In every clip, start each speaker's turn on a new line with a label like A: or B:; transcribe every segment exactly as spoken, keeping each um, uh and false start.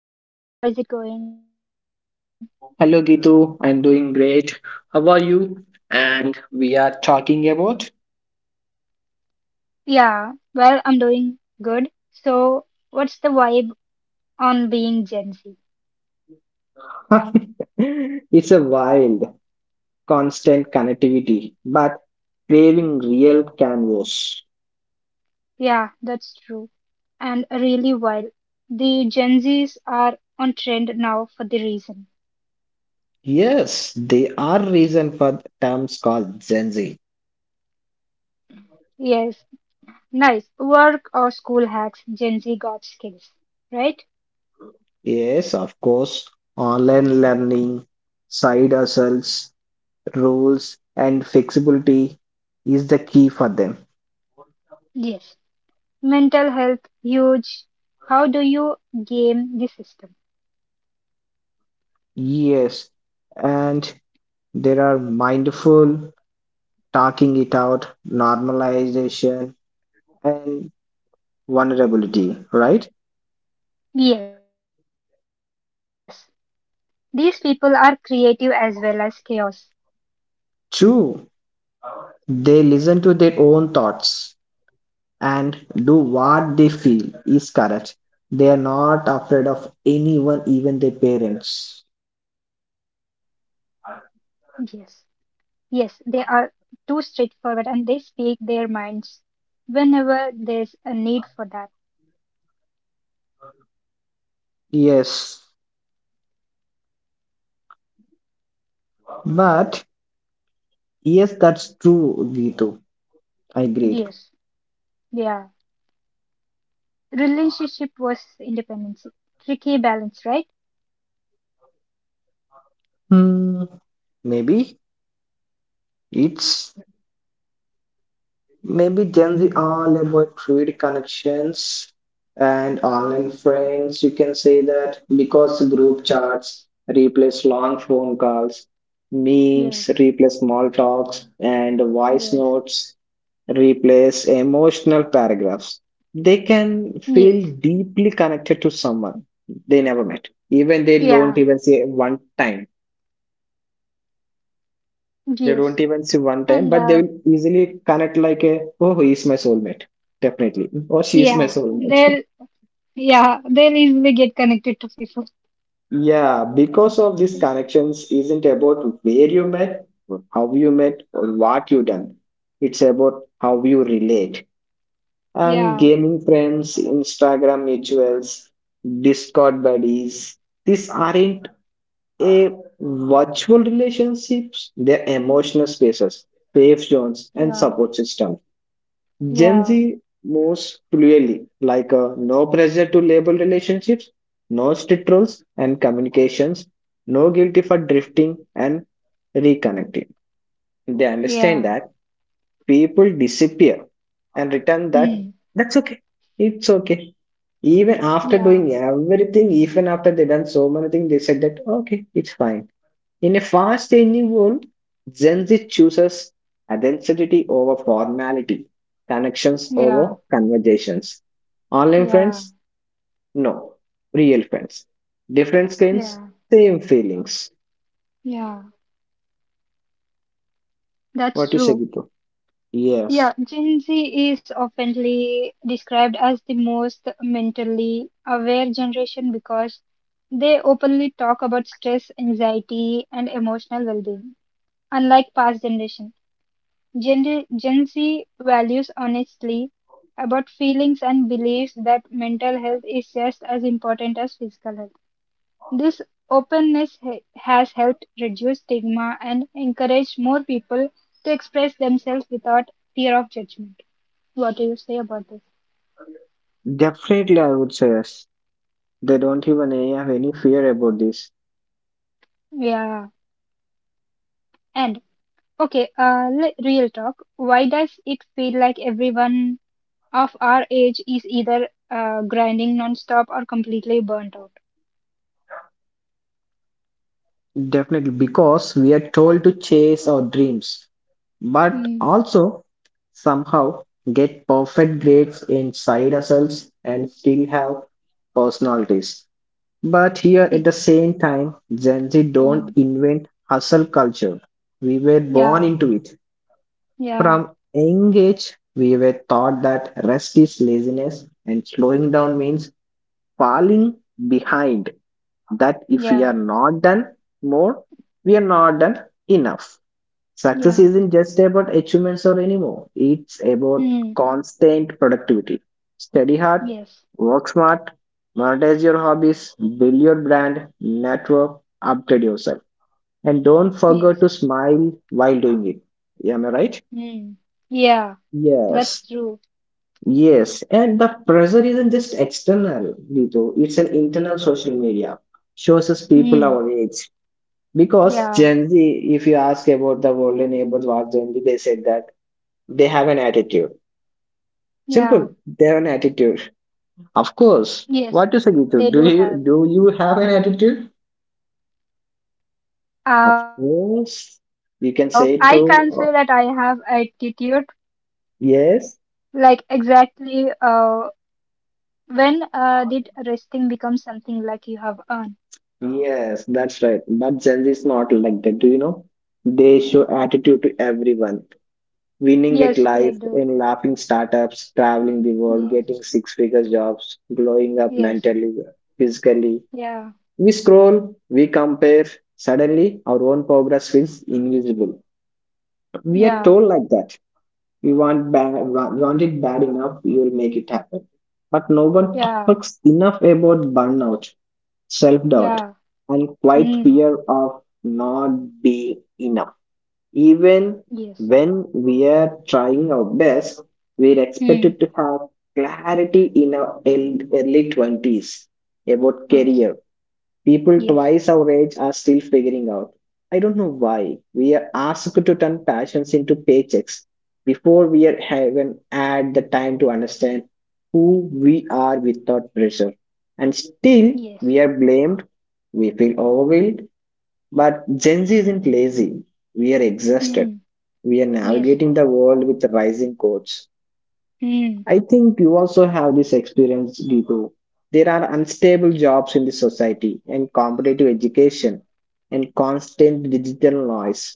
A: Hey Ravi, how is it going?
B: Hello Gitu, I'm doing great. How are you? And we are talking about
A: Yeah, well, I'm doing good. So, what's the vibe on being Gen Z?
B: it's a wild, constant connectivity, but craving real canvas.
A: Yeah, that's true. And really wild. The Gen Zs are on trend now for the reason.
B: Yes, they are reason for terms called Gen Z.
A: Yes, nice. Work or school hacks, Gen Z got skills, right?
B: Yes, of course, online learning, side hustles, rules, and flexibility is the key for them.
A: Yes. Mental health, huge. How do you game the system?
B: Yes, and there are mindful talking it out, normalization, and vulnerability, right?
A: Yes. These people are creative as well as chaos.
B: True, they listen to their own thoughts and do what they feel is correct. They are not afraid of anyone, even their parents.
A: Yes, yes, they are too straightforward and they speak their minds whenever there's a need for that.
B: Yes, but yes, that's true, Gitu. I agreed.
A: Yes, yeah. Relationship was independency. Tricky balance, right?
B: Hmm, maybe it's Maybe Gen Z all about trade connections and online friends. You can say that because group chats replace long phone calls, memes
A: Yes,
B: replace small talks, and voice
A: yes,
B: notes replace emotional paragraphs. They can
A: yes,
B: feel deeply connected to someone they never met, even they
A: yeah,
B: don't even say one time. They
A: yes.
B: don't even see one
A: And
B: time, but
A: uh,
B: they will easily connect like a, oh, he is my soulmate, definitely. Or she is my
A: yeah, they'll
B: soulmate.
A: yeah they'll easily get connected to people.
B: Yeah, because of these
A: Yeah,
B: connections isn't about where you met, how you met, or what you done. It's about how you relate. And
A: yeah,
B: gaming friends, Instagram mutuals, Discord buddies, these aren't a virtual relationships, they're emotional spaces, safe zones, and support systems. Gen
A: yeah,
B: Z moves fluidly, like a no pressure to label relationships, no strict rules and communications, no guilty for drifting and reconnecting. They
A: yeah,
B: understand
A: yeah.
B: that people disappear and return, that
A: Hmm.
B: that's okay. It's okay. Even after
A: Yeah.
B: doing everything, even after they done so many things, they said that okay, it's fine. In a fast changing world, Gen Z chooses identity over formality, connections
A: Yeah,
B: over conversations. Online
A: yeah,
B: friends, no. Real friends. Different screens,
A: yeah,
B: same feelings.
A: yeah. That's
B: What you say,
A: true.
B: Gitu? Yes,
A: Yeah, Gen Z is oftenly described as the most mentally aware generation because they openly talk about stress, anxiety, and emotional well-being. Unlike past generation, Gen Gen Z values honestly about feelings and believes that mental health is just as important as physical health. This openness ha- has helped reduce stigma and encouraged more people to express themselves without fear of judgment. What do you say about this?
B: definitely. I would say yes. They don't even have any fear about this.
A: Yeah. And okay, uh, le- real talk. Why does it feel like everyone of our age is either uh, grinding nonstop or completely burnt out?
B: Definitely, because we are told to chase our dreams but
A: Mm.
B: also somehow get perfect grades in side hustles and still have personalities. But here at
A: Eh,
B: the same time, Gen Z don't
A: mm.
B: invent hustle culture. We were born
A: Yeah.
B: into it.
A: Yeah.
B: From young age, we were taught that rest is laziness and slowing down means falling behind. That if we are
A: Yeah.
B: not done more, we are not done enough. Success
A: Yeah.
B: isn't just about achievements or anymore. It's about
A: Mm.
B: constant productivity. Study hard,
A: Yes.
B: work smart, monetize your hobbies, build your brand, network, upgrade yourself. And don't forget
A: Yes.
B: to smile while doing it. Am I right?
A: Mm. Yeah. That's
B: Yes.
A: true.
B: Yes. And the pressure isn't just external, Dito. It's an internal social media. Shows us
A: Mm.
B: people our age. Because
A: Yeah,
B: Gen Z, if you ask about the world neighbors, what Gen Z, they said that they have an attitude.
A: yeah,
B: Simple. They have an attitude. Of course.
A: yes,
B: What is a
A: they
B: gitu?
A: do
B: Do
A: have.
B: you do you have an attitude?
A: Uh,
B: Of
A: I can't say that
B: course.
A: I
B: You
A: have
B: can say to
A: attitude.
B: uh,
A: Like
B: yes.
A: exactly, uh, when uh, did resting become something like you have earned?
B: Yes, that's right. But Gen Z is not like that. Do you know? They show attitude to everyone. Winning at
A: Yes, they
B: life
A: do.
B: in laughing startups, traveling the world,
A: Yes,
B: getting six figure jobs, glowing up
A: yes,
B: mentally, physically.
A: yeah,
B: We scroll, we compare. Suddenly, our own progress feels invisible. We are
A: yeah,
B: told like that. We want bad, wa- Want it bad enough, you will make it happen. But no one
A: yeah,
B: talks enough about burnout, self doubt,
A: yeah.
B: and quite
A: Mm,
B: fear of not being enough. Even
A: yes,
B: when we are trying our best, we are
A: mm,
B: expected to have clarity in our el- early twenties about
A: yes,
B: career. People
A: yes,
B: twice our age are still figuring out. I don't know why. We are asked to turn passions into paychecks before we are even had the time to understand who we are without pressure. And still,
A: yes,
B: we are blamed. We feel overwhelmed. But Gen Z isn't lazy. We are exhausted.
A: mm,
B: We are
A: yes,
B: navigating the world with rising codes.
A: mm,
B: I think you also have this experience, Gitu. There are unstable jobs in the society and competitive education and constant digital noise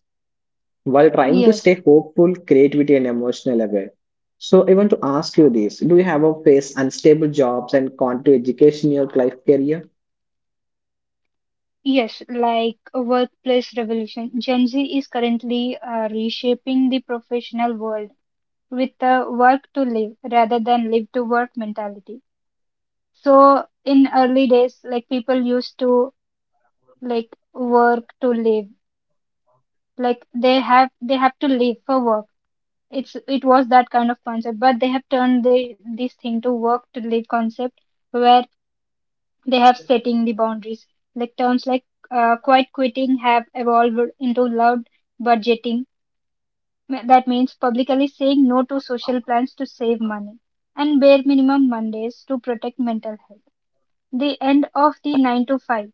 B: while trying to
A: yes.
B: stay hopeful, creativity, and emotional aware. So I want to ask you this. Do you have a face unstable jobs and competitive education in your life career?
A: Yes, like a workplace revolution, Gen Z is currently uh, reshaping the professional world with the work to live rather than live to work mentality. So in early days, like people used to like work to live, like they have they have to live for work. It's it was that kind of concept, but they have turned the, this thing to work to live concept, where they have setting the boundaries. Like terms like uh, quiet quitting have evolved into loud budgeting. That means publicly saying no to social plans to save money and bare minimum Mondays to protect mental health. The end of the nine to five.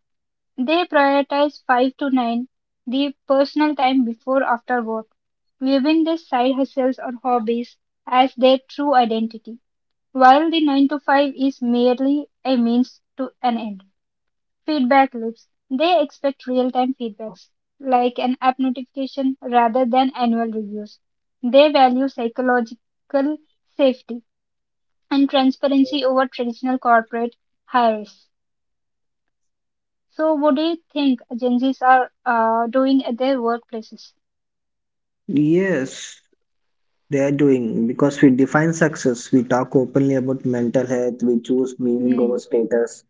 A: They prioritize five to nine, the personal time before after work, viewing their side hustles or hobbies as their true identity while the nine to five is merely a means to an end. Feedback loops. They expect real time feedbacks, like an app notification, rather than annual reviews. They value psychological safety and transparency over traditional corporate hires. So, what do you think agencies are uh, doing at their workplaces?
B: Yes, they are doing because we define success. We talk openly about mental health. We choose meaning over
A: Hmm.
B: status.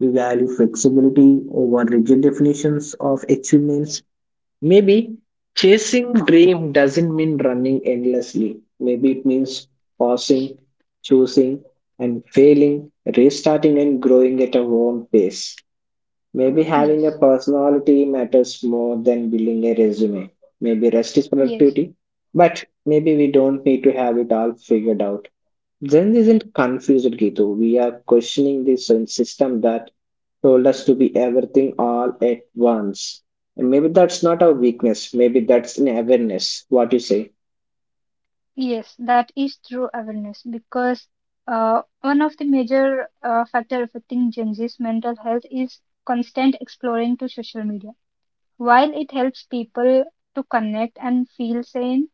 B: We value flexibility over rigid definitions of achievements. Maybe chasing dream doesn't mean running endlessly. Maybe it means pausing, choosing, and failing, restarting and growing at our own pace. Maybe having
A: Yes,
B: a personality matters more than building a resume. Maybe rest is
A: yes,
B: productivity, but maybe we don't need to have it all figured out. Zen isn't confused, Gitu. We are questioning the syn- system that told us to be everything all at once. And maybe that's not our weakness. Maybe that's an awareness. What you say?
A: yes, that is true awareness because uh, one of the major uh, factor affecting Gen Z's mental health is constant exploring to social media. While it helps people to connect and feel sane,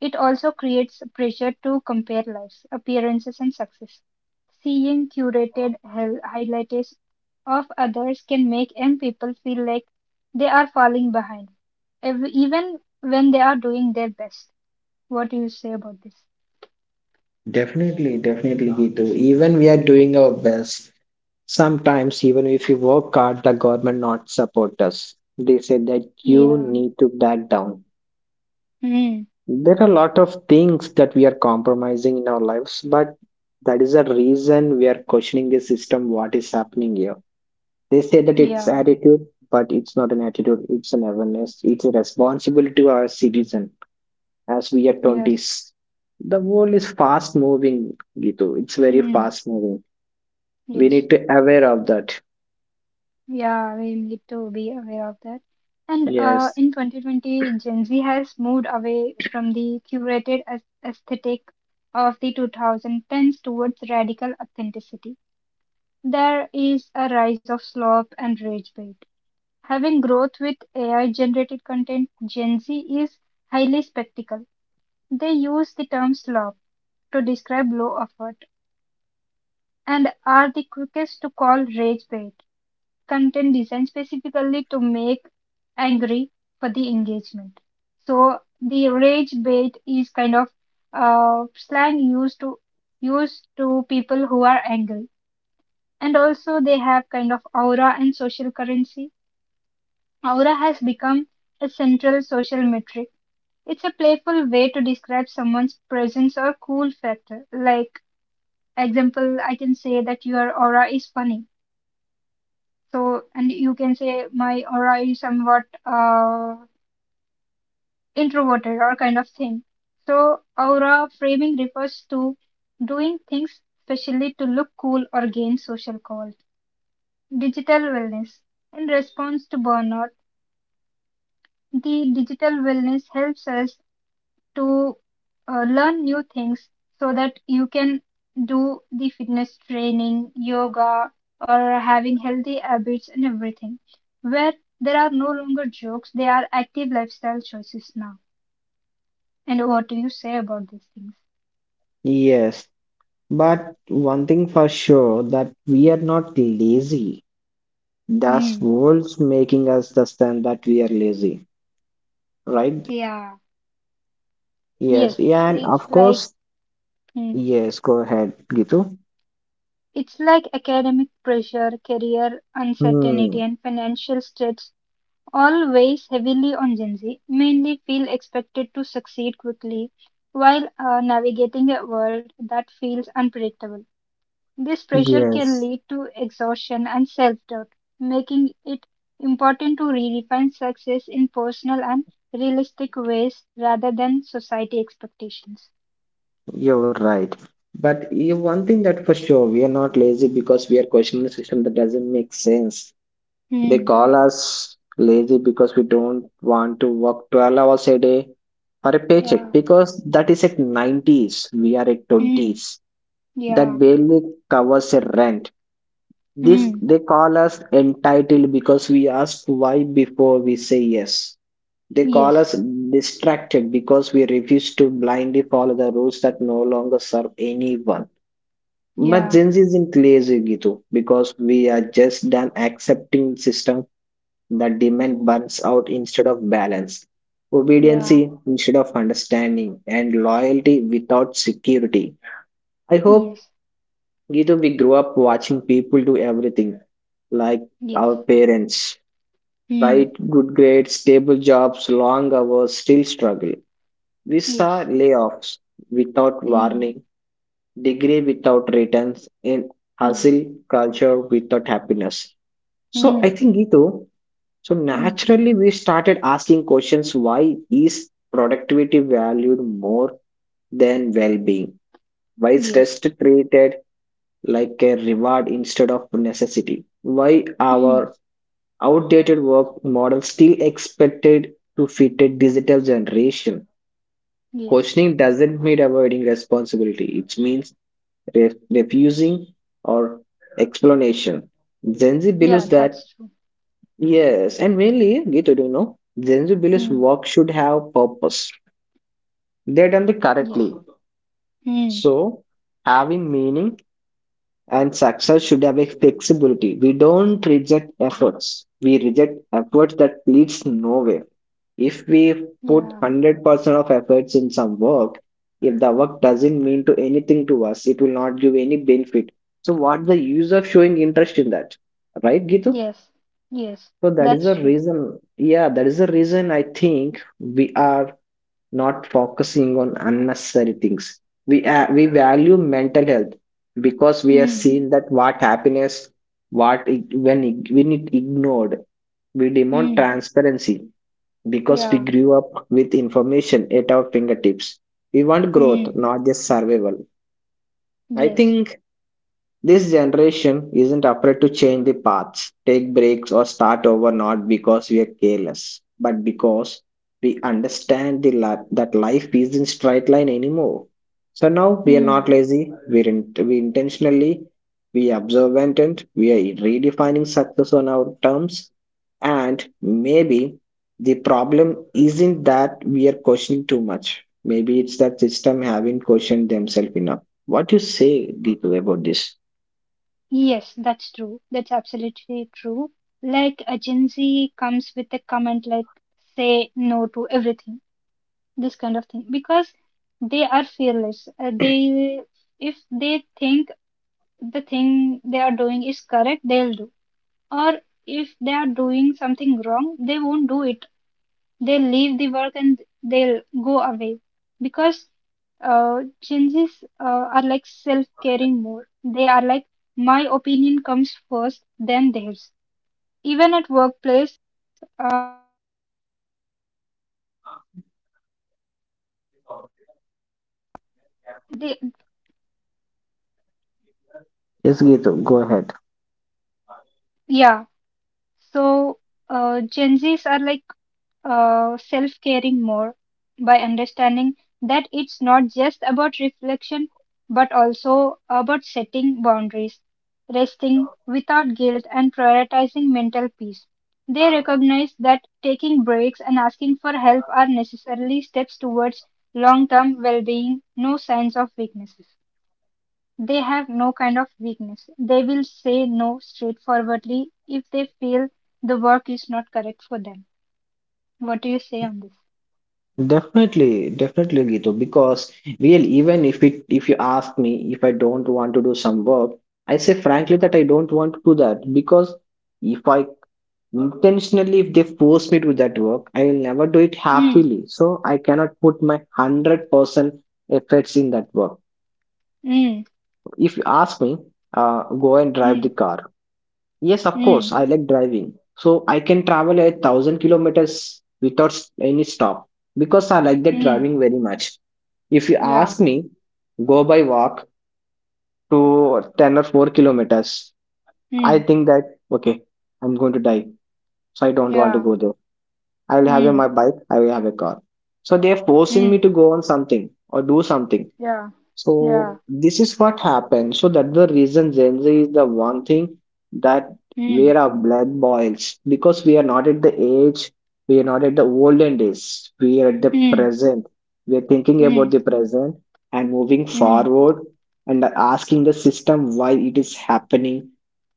A: it also creates pressure to compare lives, appearances, and success. Seeing curated hel- highlights of others can make young people feel like they are falling behind, ev- even when they are doing their best. What do you say about this?
B: Definitely, definitely, Gitu. Even we are doing our best. Sometimes, even if we work hard, the government not support us. They say that you
A: Yeah.
B: need to back down.
A: Hmm.
B: There are a lot of things that we are compromising in our lives, but that is the reason we are questioning the system. What is happening here? They say that it's
A: Yeah.
B: attitude, but it's not an attitude, it's an awareness. It's a responsibility to our citizen as we are
A: Yes.
B: twenties. The world is fast moving, Gitu. It's very
A: Hmm.
B: fast moving. We
A: Yes.
B: need to aware of that.
A: Yeah, we need to be aware of that. And uh,
B: Yes.
A: in two thousand twenty, Gen Z has moved away from the curated aes- aesthetic of the two thousand tens towards radical authenticity. There is a rise of slop and rage bait. Having growth with A I generated content, Gen Z is highly spectacle. They use the term slop to describe low effort and are the quickest to call rage bait content designed specifically to make angry for the engagement. So the rage bait is kind of uh, slang used to used to people who are angry, and also they have kind of aura and social currency. Aura has become a central social metric. It's a playful way to describe someone's presence or cool factor. Like example, I can say that your aura is funny. So, and you can say my aura is somewhat uh, introverted or kind of thing. So, aura framing refers to doing things specially to look cool or gain social calls. Digital wellness. In response to burnout, the digital wellness helps us to uh, learn new things so that you can do the fitness training, yoga, or having healthy habits and everything. Where there are no longer jokes, they are active lifestyle choices now. And what do you say about these things?
B: Yes, but one thing for sure that we are not lazy. That's
A: Hmm.
B: what's making us understand that we are lazy, right?
A: Yeah.
B: Yes,
A: Yes,
B: yeah, and
A: it's
B: of
A: like
B: course,
A: hmm,
B: yes, go ahead, Gitu.
A: it's like academic pressure, career uncertainty,
B: Hmm,
A: and financial stress all weighs heavily on Gen-Z, mainly feel expected to succeed quickly while uh, navigating a world that feels unpredictable. This pressure can
B: yes.
A: lead to exhaustion and self-doubt, making it important to redefine success in personal and realistic ways rather than society expectations.
B: You're right. But yeah, one thing that for sure, we are not lazy because we are questioning a system that doesn't make sense. They
A: Hmm.
B: call us lazy because we don't want to work twelve hours a day for a paycheck
A: Yeah.
B: because that is at nineties. We are at
A: Hmm.
B: twenties. That
A: Yeah.
B: barely covers a rent. This
A: Hmm.
B: they call us entitled because we ask why before we say yes. They call
A: Yes.
B: us distracted because we refuse to blindly follow the rules that no longer serve anyone, but
A: Yeah.
B: Gen Z isn't lazy, Gitu, because we are just done accepting system that demand burns out instead of balance, obedience
A: Yeah.
B: instead of understanding, and loyalty without security. I hope,
A: Yes.
B: Gitu, we grow up watching people do everything, like
A: Yes.
B: our parents,
A: Hmm.
B: right? Good grades, stable jobs, long hours, still struggle. We saw
A: Yes.
B: layoffs without
A: Hmm.
B: warning, degree without returns in
A: Yes.
B: hustle culture without happiness. So I
A: Mm,
B: think, Gitu, so
A: mm,
B: naturally we started asking questions. Why is productivity valued more than well-being? Why is rest
A: yes.
B: treated like a reward instead of necessity? Why
A: Mm,
B: our outdated work model still expected to fit a digital generation?
A: yes.
B: Questioning doesn't mean avoiding responsibility. It means re- refusing or explanation. Gen Z
A: Yeah,
B: believes that,
A: that's true.
B: yes, and mainly, Gitu, do you know, Gen Z believes
A: Mm,
B: work should have purpose. They done it
A: yes.
B: correctly.
A: Mm,
B: So, having meaning and success should have a flexibility. We don't reject efforts. We reject efforts that leads nowhere. If we
A: yeah.
B: put one hundred percent of efforts in some work, if the work doesn't mean to anything to us, it will not give any benefit. So what the use of showing interest in that, right, gitu?
A: Yes. Yes.
B: So that is
A: That's
B: the
A: true.
B: reason. Yeah, that is the reason. I think we are not focusing on unnecessary things. We uh, we value mental health because we have
A: Mm,
B: seen that what happiness, what it, when it, when it ignored, we demand
A: mm,
B: transparency because we
A: yeah.
B: grew up with information at our fingertips. We want growth,
A: Mm,
B: not just survival. I
A: yes.
B: think this generation isn't afraid to change the paths, take breaks, or start over, not because we are careless, but because we understand the li- that life isn't straight line anymore. So now we are
A: Mm,
B: not lazy, we, are in- we intentionally, we are observant, and we are redefining success on our terms. And maybe the problem isn't that we are questioning too much. Maybe it's that system haven't questioned themselves enough. What do you say, Gitu, about this?
A: yes, that's true. That's absolutely true. Like a Gen Z comes with a comment like say no to everything, this kind of thing, because they are fearless. Uh, they if they think the thing they are doing is correct, they'll do or if they are doing something wrong, they won't do it. They leave the work and they'll go away because uh, Gen Zs uh, are like self-caring more. They are like, my opinion comes first, then theirs. Even at workplace, uh, They,
B: Yes, Gitu, go ahead.
A: yeah. So uh, Gen Zs are like uh, self-caring more by understanding that it's not just about reflection, but also about setting boundaries, resting without guilt, and prioritizing mental peace. They recognize that taking breaks and asking for help are necessarily steps towards long-term well-being, no signs of weaknesses. They have no kind of weakness. They will say no straightforwardly if they feel the work is not correct for them. What do you
B: Definitely, definitely, Gitu, because well, even if it, if you ask me, if I don't want to do some work, I say frankly that I don't want to do that because if I intentionally, if they force me to do that work, I will never do it
A: Mm,
B: happily. So I cannot put my hundred percent efforts in that work.
A: mm,
B: If you ask me, uh, go and drive the
A: mm,
B: car. Yes, of course,
A: mm,
B: I like driving. So I can travel a thousand kilometers without s- any stop because I like that
A: mm,
B: driving very much. If you
A: yeah,
B: ask me, go by walk to ten or four kilometers,
A: mm,
B: I think that, okay, I'm going to die. So I don't want to
A: yeah,
B: go there. I will have a,
A: mm,
B: my bike, I will have a car. So they are forcing
A: mm,
B: me to go on something or do something.
A: yeah, yeah,
B: So this is what happened. So that the reason Gen Z is the one thing that
A: mm,
B: where our blood boils because we are not at the age, we are not at the olden days. We are at the
A: mm,
B: present. We are thinking
A: mm,
B: about the present and moving
A: mm,
B: forward and asking the system why it is happening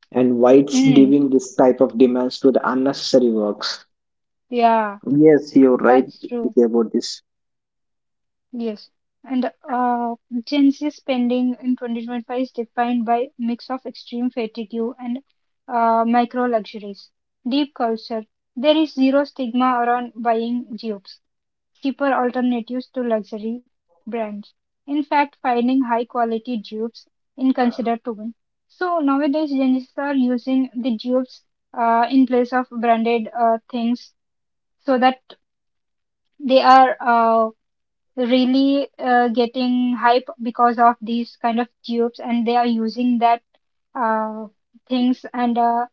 B: and why it's
A: mm,
B: giving this type of demands to the unnecessary works.
A: yeah,
B: Yes, you're right
A: that's true.
B: about this.
A: Yes. And uh, Gen Z spending in twenty twenty-five is defined by mix of extreme fatigue and uh, micro luxuries. Deep culture. There is zero stigma around buying dupes, cheaper alternatives to luxury brands. In fact, finding high quality dupes is considered to win. So nowadays, geniuses are using the dupes uh, in place of branded uh, things so that they are uh, really uh, getting hype because of these kind of dupes and they are using that uh, things and uh,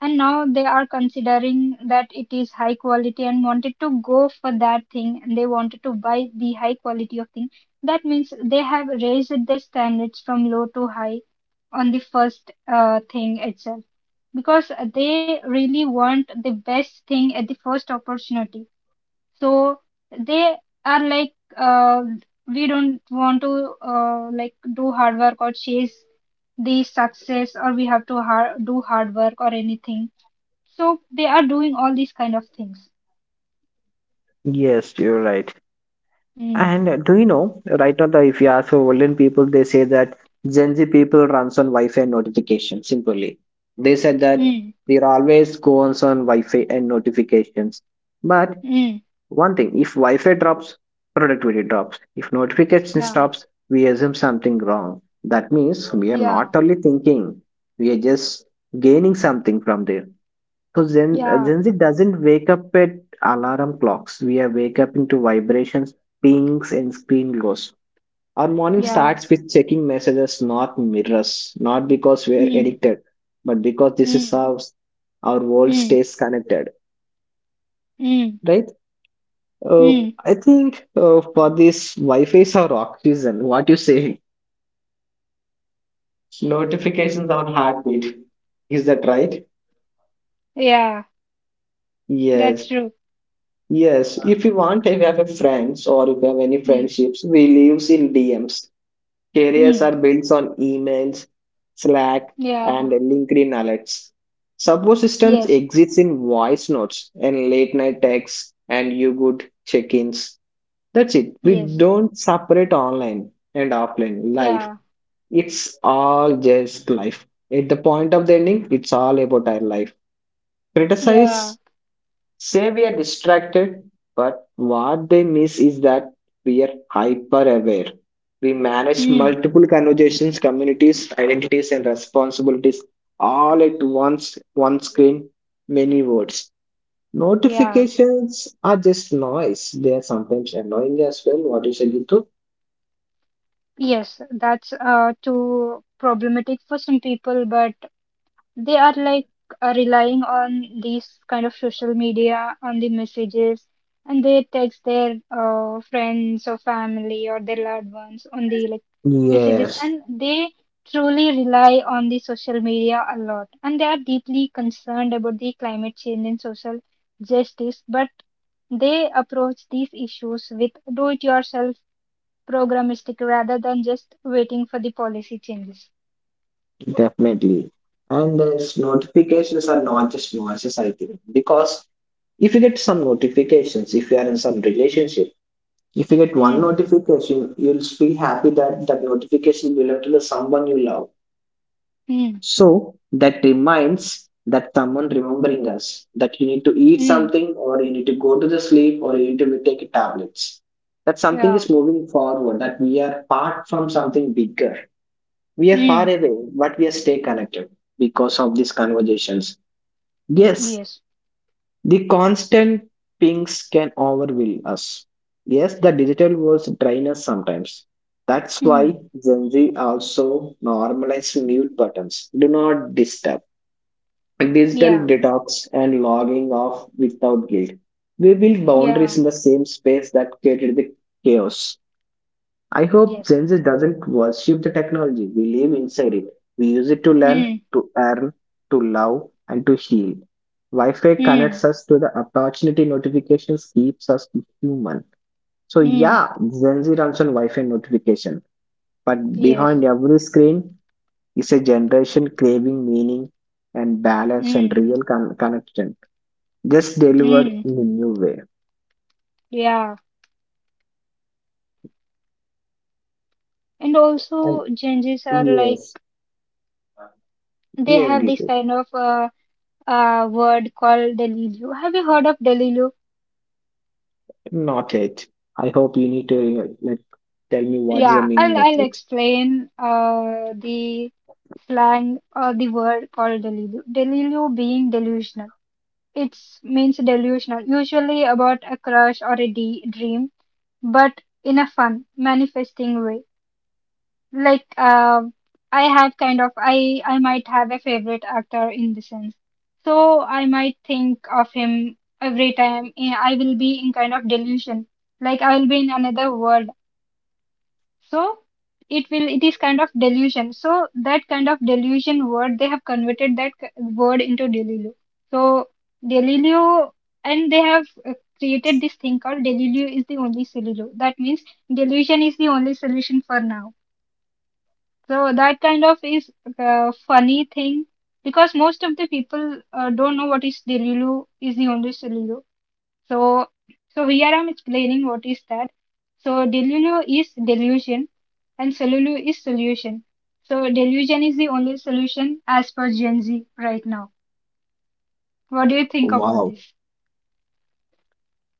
A: and now they are considering that it is high quality and wanted to go for that thing and they wanted to buy the high quality of thing. That means they have raised their standards from low to high on the first uh, thing itself because they really want the best thing at the first opportunity. So they are like uh, we don't want to uh, like do hard work or chase the success or we have to har- do hard work or anything, so they are doing all these kind of things.
B: Yes, you're right.
A: Mm,
B: And do you know, right now, the, if you ask for olden people, they say that Gen Z people runs on Wi-Fi and notification. Simply, they said that
A: mm,
B: we are always goes on Wi-Fi and notifications. But
A: mm.
B: one thing, if Wi-Fi drops, productivity drops. If notification
A: Yeah,
B: stops, we assume something wrong. That means we are
A: yeah,
B: not only thinking, we are just gaining something from there. So Gen, uh,
A: yeah,
B: Gen Z doesn't wake up at alarm clocks. We are wake up into vibrations, pings, and screen glows. Our morning
A: yeah.
B: starts with checking messages, not mirrors. Not because we are
A: Mm,
B: addicted, but because this is
A: mm,
B: how our world
A: mm,
B: stays connected,
A: mm,
B: right? Uh,
A: mm.
B: I think uh, for this, Wi-Fi is our oxygen. What you say? Notifications are heartbeat. Is that right?
A: Yeah, that's
B: Yes.
A: true.
B: Yes, if you want, if you have a friends or if you have any
A: Mm,
B: friendships, we lives in D Ms. Careers
A: mm.
B: are built on emails, Slack,
A: Yeah,
B: and LinkedIn alerts. Support
A: yes,
B: systems exist in voice notes and late night texts and you good check-ins. That's it. We
A: yes.
B: don't separate online and offline
A: Yeah,
B: life. It's all just life. At the point of the ending, it's all about our life.
A: yeah.
B: Criticize, say we are distracted, but what they miss is that we are hyper aware. We manage
A: Mm,
B: multiple conversations, communities, identities, and responsibilities all at once, one screen, many words.
A: yeah.
B: Notifications are just noise. They are sometimes annoying as well. What you said, Gitu?
A: Yes, that's uh too problematic for some people, but they are like uh, relying on these kind of social media on the messages and they text their uh, friends or family or their loved ones on the like messages,
B: Yes,
A: and they truly rely on the social media a lot, and they are deeply concerned about the climate change and social justice, but they approach these issues with do it yourself programmatic rather than just waiting for the policy changes.
B: definitely. And those notifications are not just noises, I think, because if you get some notifications, if you are in some relationship, if you get one
A: Mm,
B: notification, you'll be happy that that notification belongs to the someone you love.
A: mm,
B: So that reminds that someone remembering us that you need to eat
A: mm,
B: something or you need to go to the sleep or you need to take tablets. That something
A: yeah.
B: is moving forward, that we are part from something bigger. We are far
A: Mm,
B: away, but we are stay connected because of these conversations. Yes,
A: yes.
B: the constant pings can overwhelm us. Yes, the digital worlds drain us sometimes. That's
A: Mm,
B: why Gen Z also normalize mute buttons. Do not disturb. Digital
A: yeah.
B: detox and logging off without guilt. We build boundaries
A: Yeah.
B: in the same space that created the chaos. I hope
A: Yes.
B: Gen Z doesn't worship the technology. We live inside it. We use it to learn,
A: Mm,
B: to earn, to love, and to heal. Wi Fi
A: mm,
B: connects us to the opportunity notifications, keeps us human. So,
A: mm,
B: yeah, Gen Z runs on Wi Fi notification. But
A: yes.
B: behind every screen is a generation craving meaning and balance and
A: Mm,
B: real con- connection, just delivered
A: mm,
B: in a new way.
A: yeah. And
B: And
A: also, Gen Zs are like,
B: yes,
A: they
B: yes,
A: have this
B: Gitu.
A: kind of uh, uh, word called Delilu. Have you heard of Delilu?
B: Not it. I hope you need to uh, like tell me what is the
A: Yeah,
B: meaning
A: I'll,
B: of
A: I'll
B: it.
A: explain uh, the slang or the word called Delilu. Delilu being delusional. It means delusional, usually about a crush or a de- dream but in a fun, manifesting way. Like, uh, I have kind of, I, I might have a favorite actor in the sense. So I might think of him every time. eh, I will be in kind of delusion. Like I will be in another world, so it will it is kind of delusion, so that kind of delusion word they have converted that c- word into delulu. So delulu, and they have uh, created this thing called delulu is the only solution. That means delusion is the only solution for now. So that kind of is a funny thing because most of the people uh, don't know what is delulu is the only solution. So, so here I'm explaining what is that. So deluno is delusion and solulu is solution. So delusion is the only solution as per Gen Z right now. What do you think about
B: Wow.
A: this?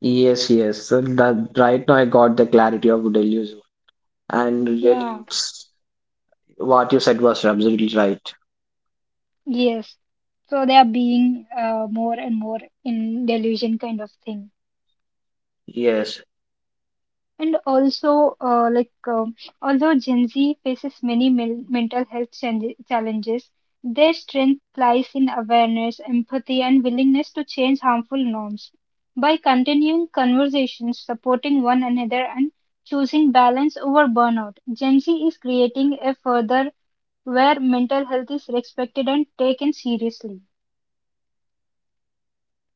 B: Yes, yes. So that right now I got the clarity of delusion. And
A: Yeah,
B: really it's what you said was absolutely right.
A: yes. So they are being uh, more and more in delusion kind of thing.
B: Yes.
A: And also, uh, like, uh, although Gen Z faces many men- mental health chan- challenges, their strength lies in awareness, empathy, and willingness to change harmful norms. By continuing conversations, supporting one another, and choosing balance over burnout, Gen Z is creating a further where mental health is respected and taken seriously.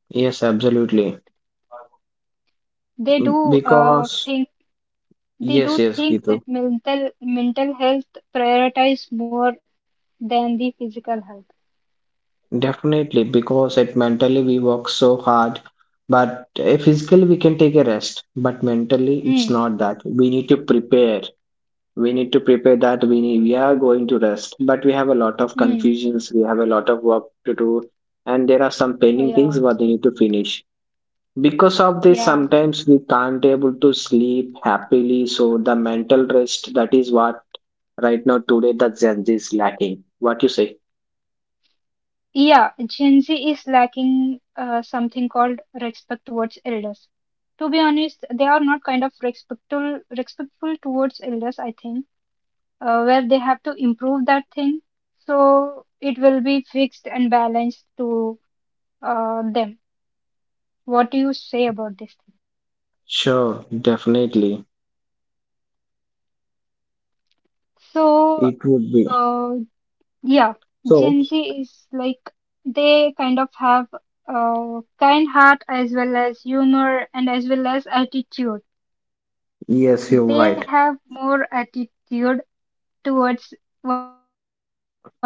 B: Yes, absolutely.
A: They
B: M-
A: do uh,
B: Because
A: think they
B: yes,
A: do
B: yes,
A: think that
B: Gitu.
A: mental mental health prioritize more than the physical health.
B: Definitely, because it mentally we work so hard, but uh, physically we can take a rest, but mentally
A: Mm,
B: it's not that. We need to prepare. We need to prepare that we need, we are going to rest, but we have a lot of
A: mm,
B: confusions, we have a lot of work to do and there are some
A: oh,
B: pending
A: yeah,
B: things what they need to finish. Because of this
A: yeah,
B: sometimes we can't able to sleep happily, so the mental rest, that is what right now today the Gen Z is lacking. What you say?
A: yeah. Gen Z is lacking uh, something called respect towards elders. To be honest, they are not kind of respectful respectful towards elders. I think uh, where they have to improve that thing, so it will be fixed and balanced to uh, them. What do you say about this thing?
B: Sure, definitely.
A: So,
B: It would be.
A: uh, yeah,
B: So,
A: Gen Z is like they kind of have a kind heart as well as humor and as well as attitude. They
B: yes, you're
A: have
B: right.
A: more attitude towards one another. So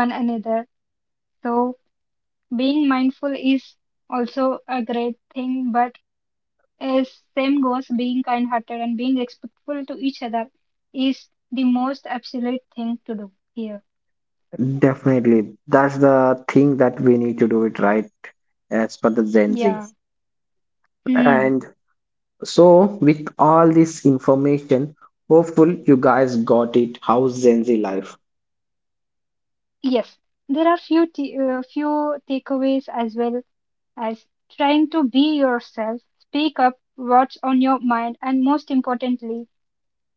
A: being mindful is also a great thing, but as same goes, being kind-hearted and being respectful to each other is the most absolute thing to do here.
B: Definitely. That's the thing that we need to do it right as per the Gen
A: Yeah.
B: Z.
A: Hmm.
B: And so, with all this information, hopeful you guys got it. How Gen Z life?
A: Yes, there are few t- uh, few takeaways as well as trying to be yourself, speak up what's on your mind, and most importantly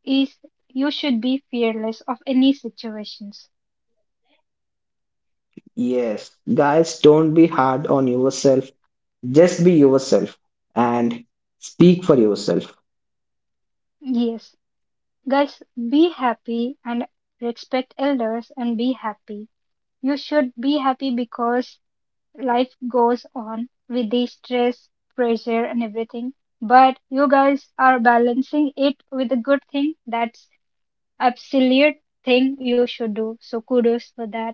A: is you should be fearless of any situations.
B: Yes, guys, don't be hard on yourself. Just be yourself and speak for yourself.
A: Yes, guys, be happy and respect elders and be happy. You should be happy because life goes on with the stress, pressure, and everything. But you guys are balancing it with a good thing. That's absolute thing you should do. So kudos for that.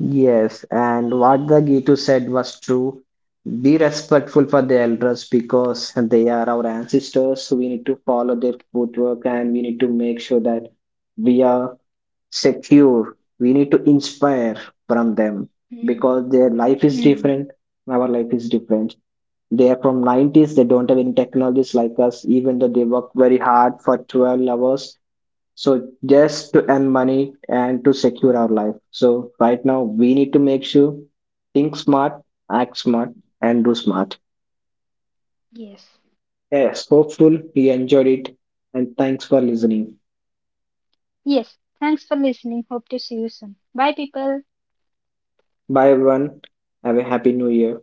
B: Yes, and what the Gitu said was true. Be respectful for the elders because they are our ancestors. So we need to follow their footwork and we need to make sure that we are secure. We need to inspire from them
A: Hmm.
B: because their life
A: Hmm.
B: is different. Our life is different. They are from nineties. They don't have any technologies like us, even though they work very hard for twelve hours. So just to earn money and to secure our life. So right now we need to make sure think smart, act smart, and do smart.
A: Yes.
B: Yes, hopeful you enjoyed it and thanks for listening.
A: Yes. Thanks for listening. Hope to see you soon. Bye, people.
B: Bye everyone. Have a happy new year.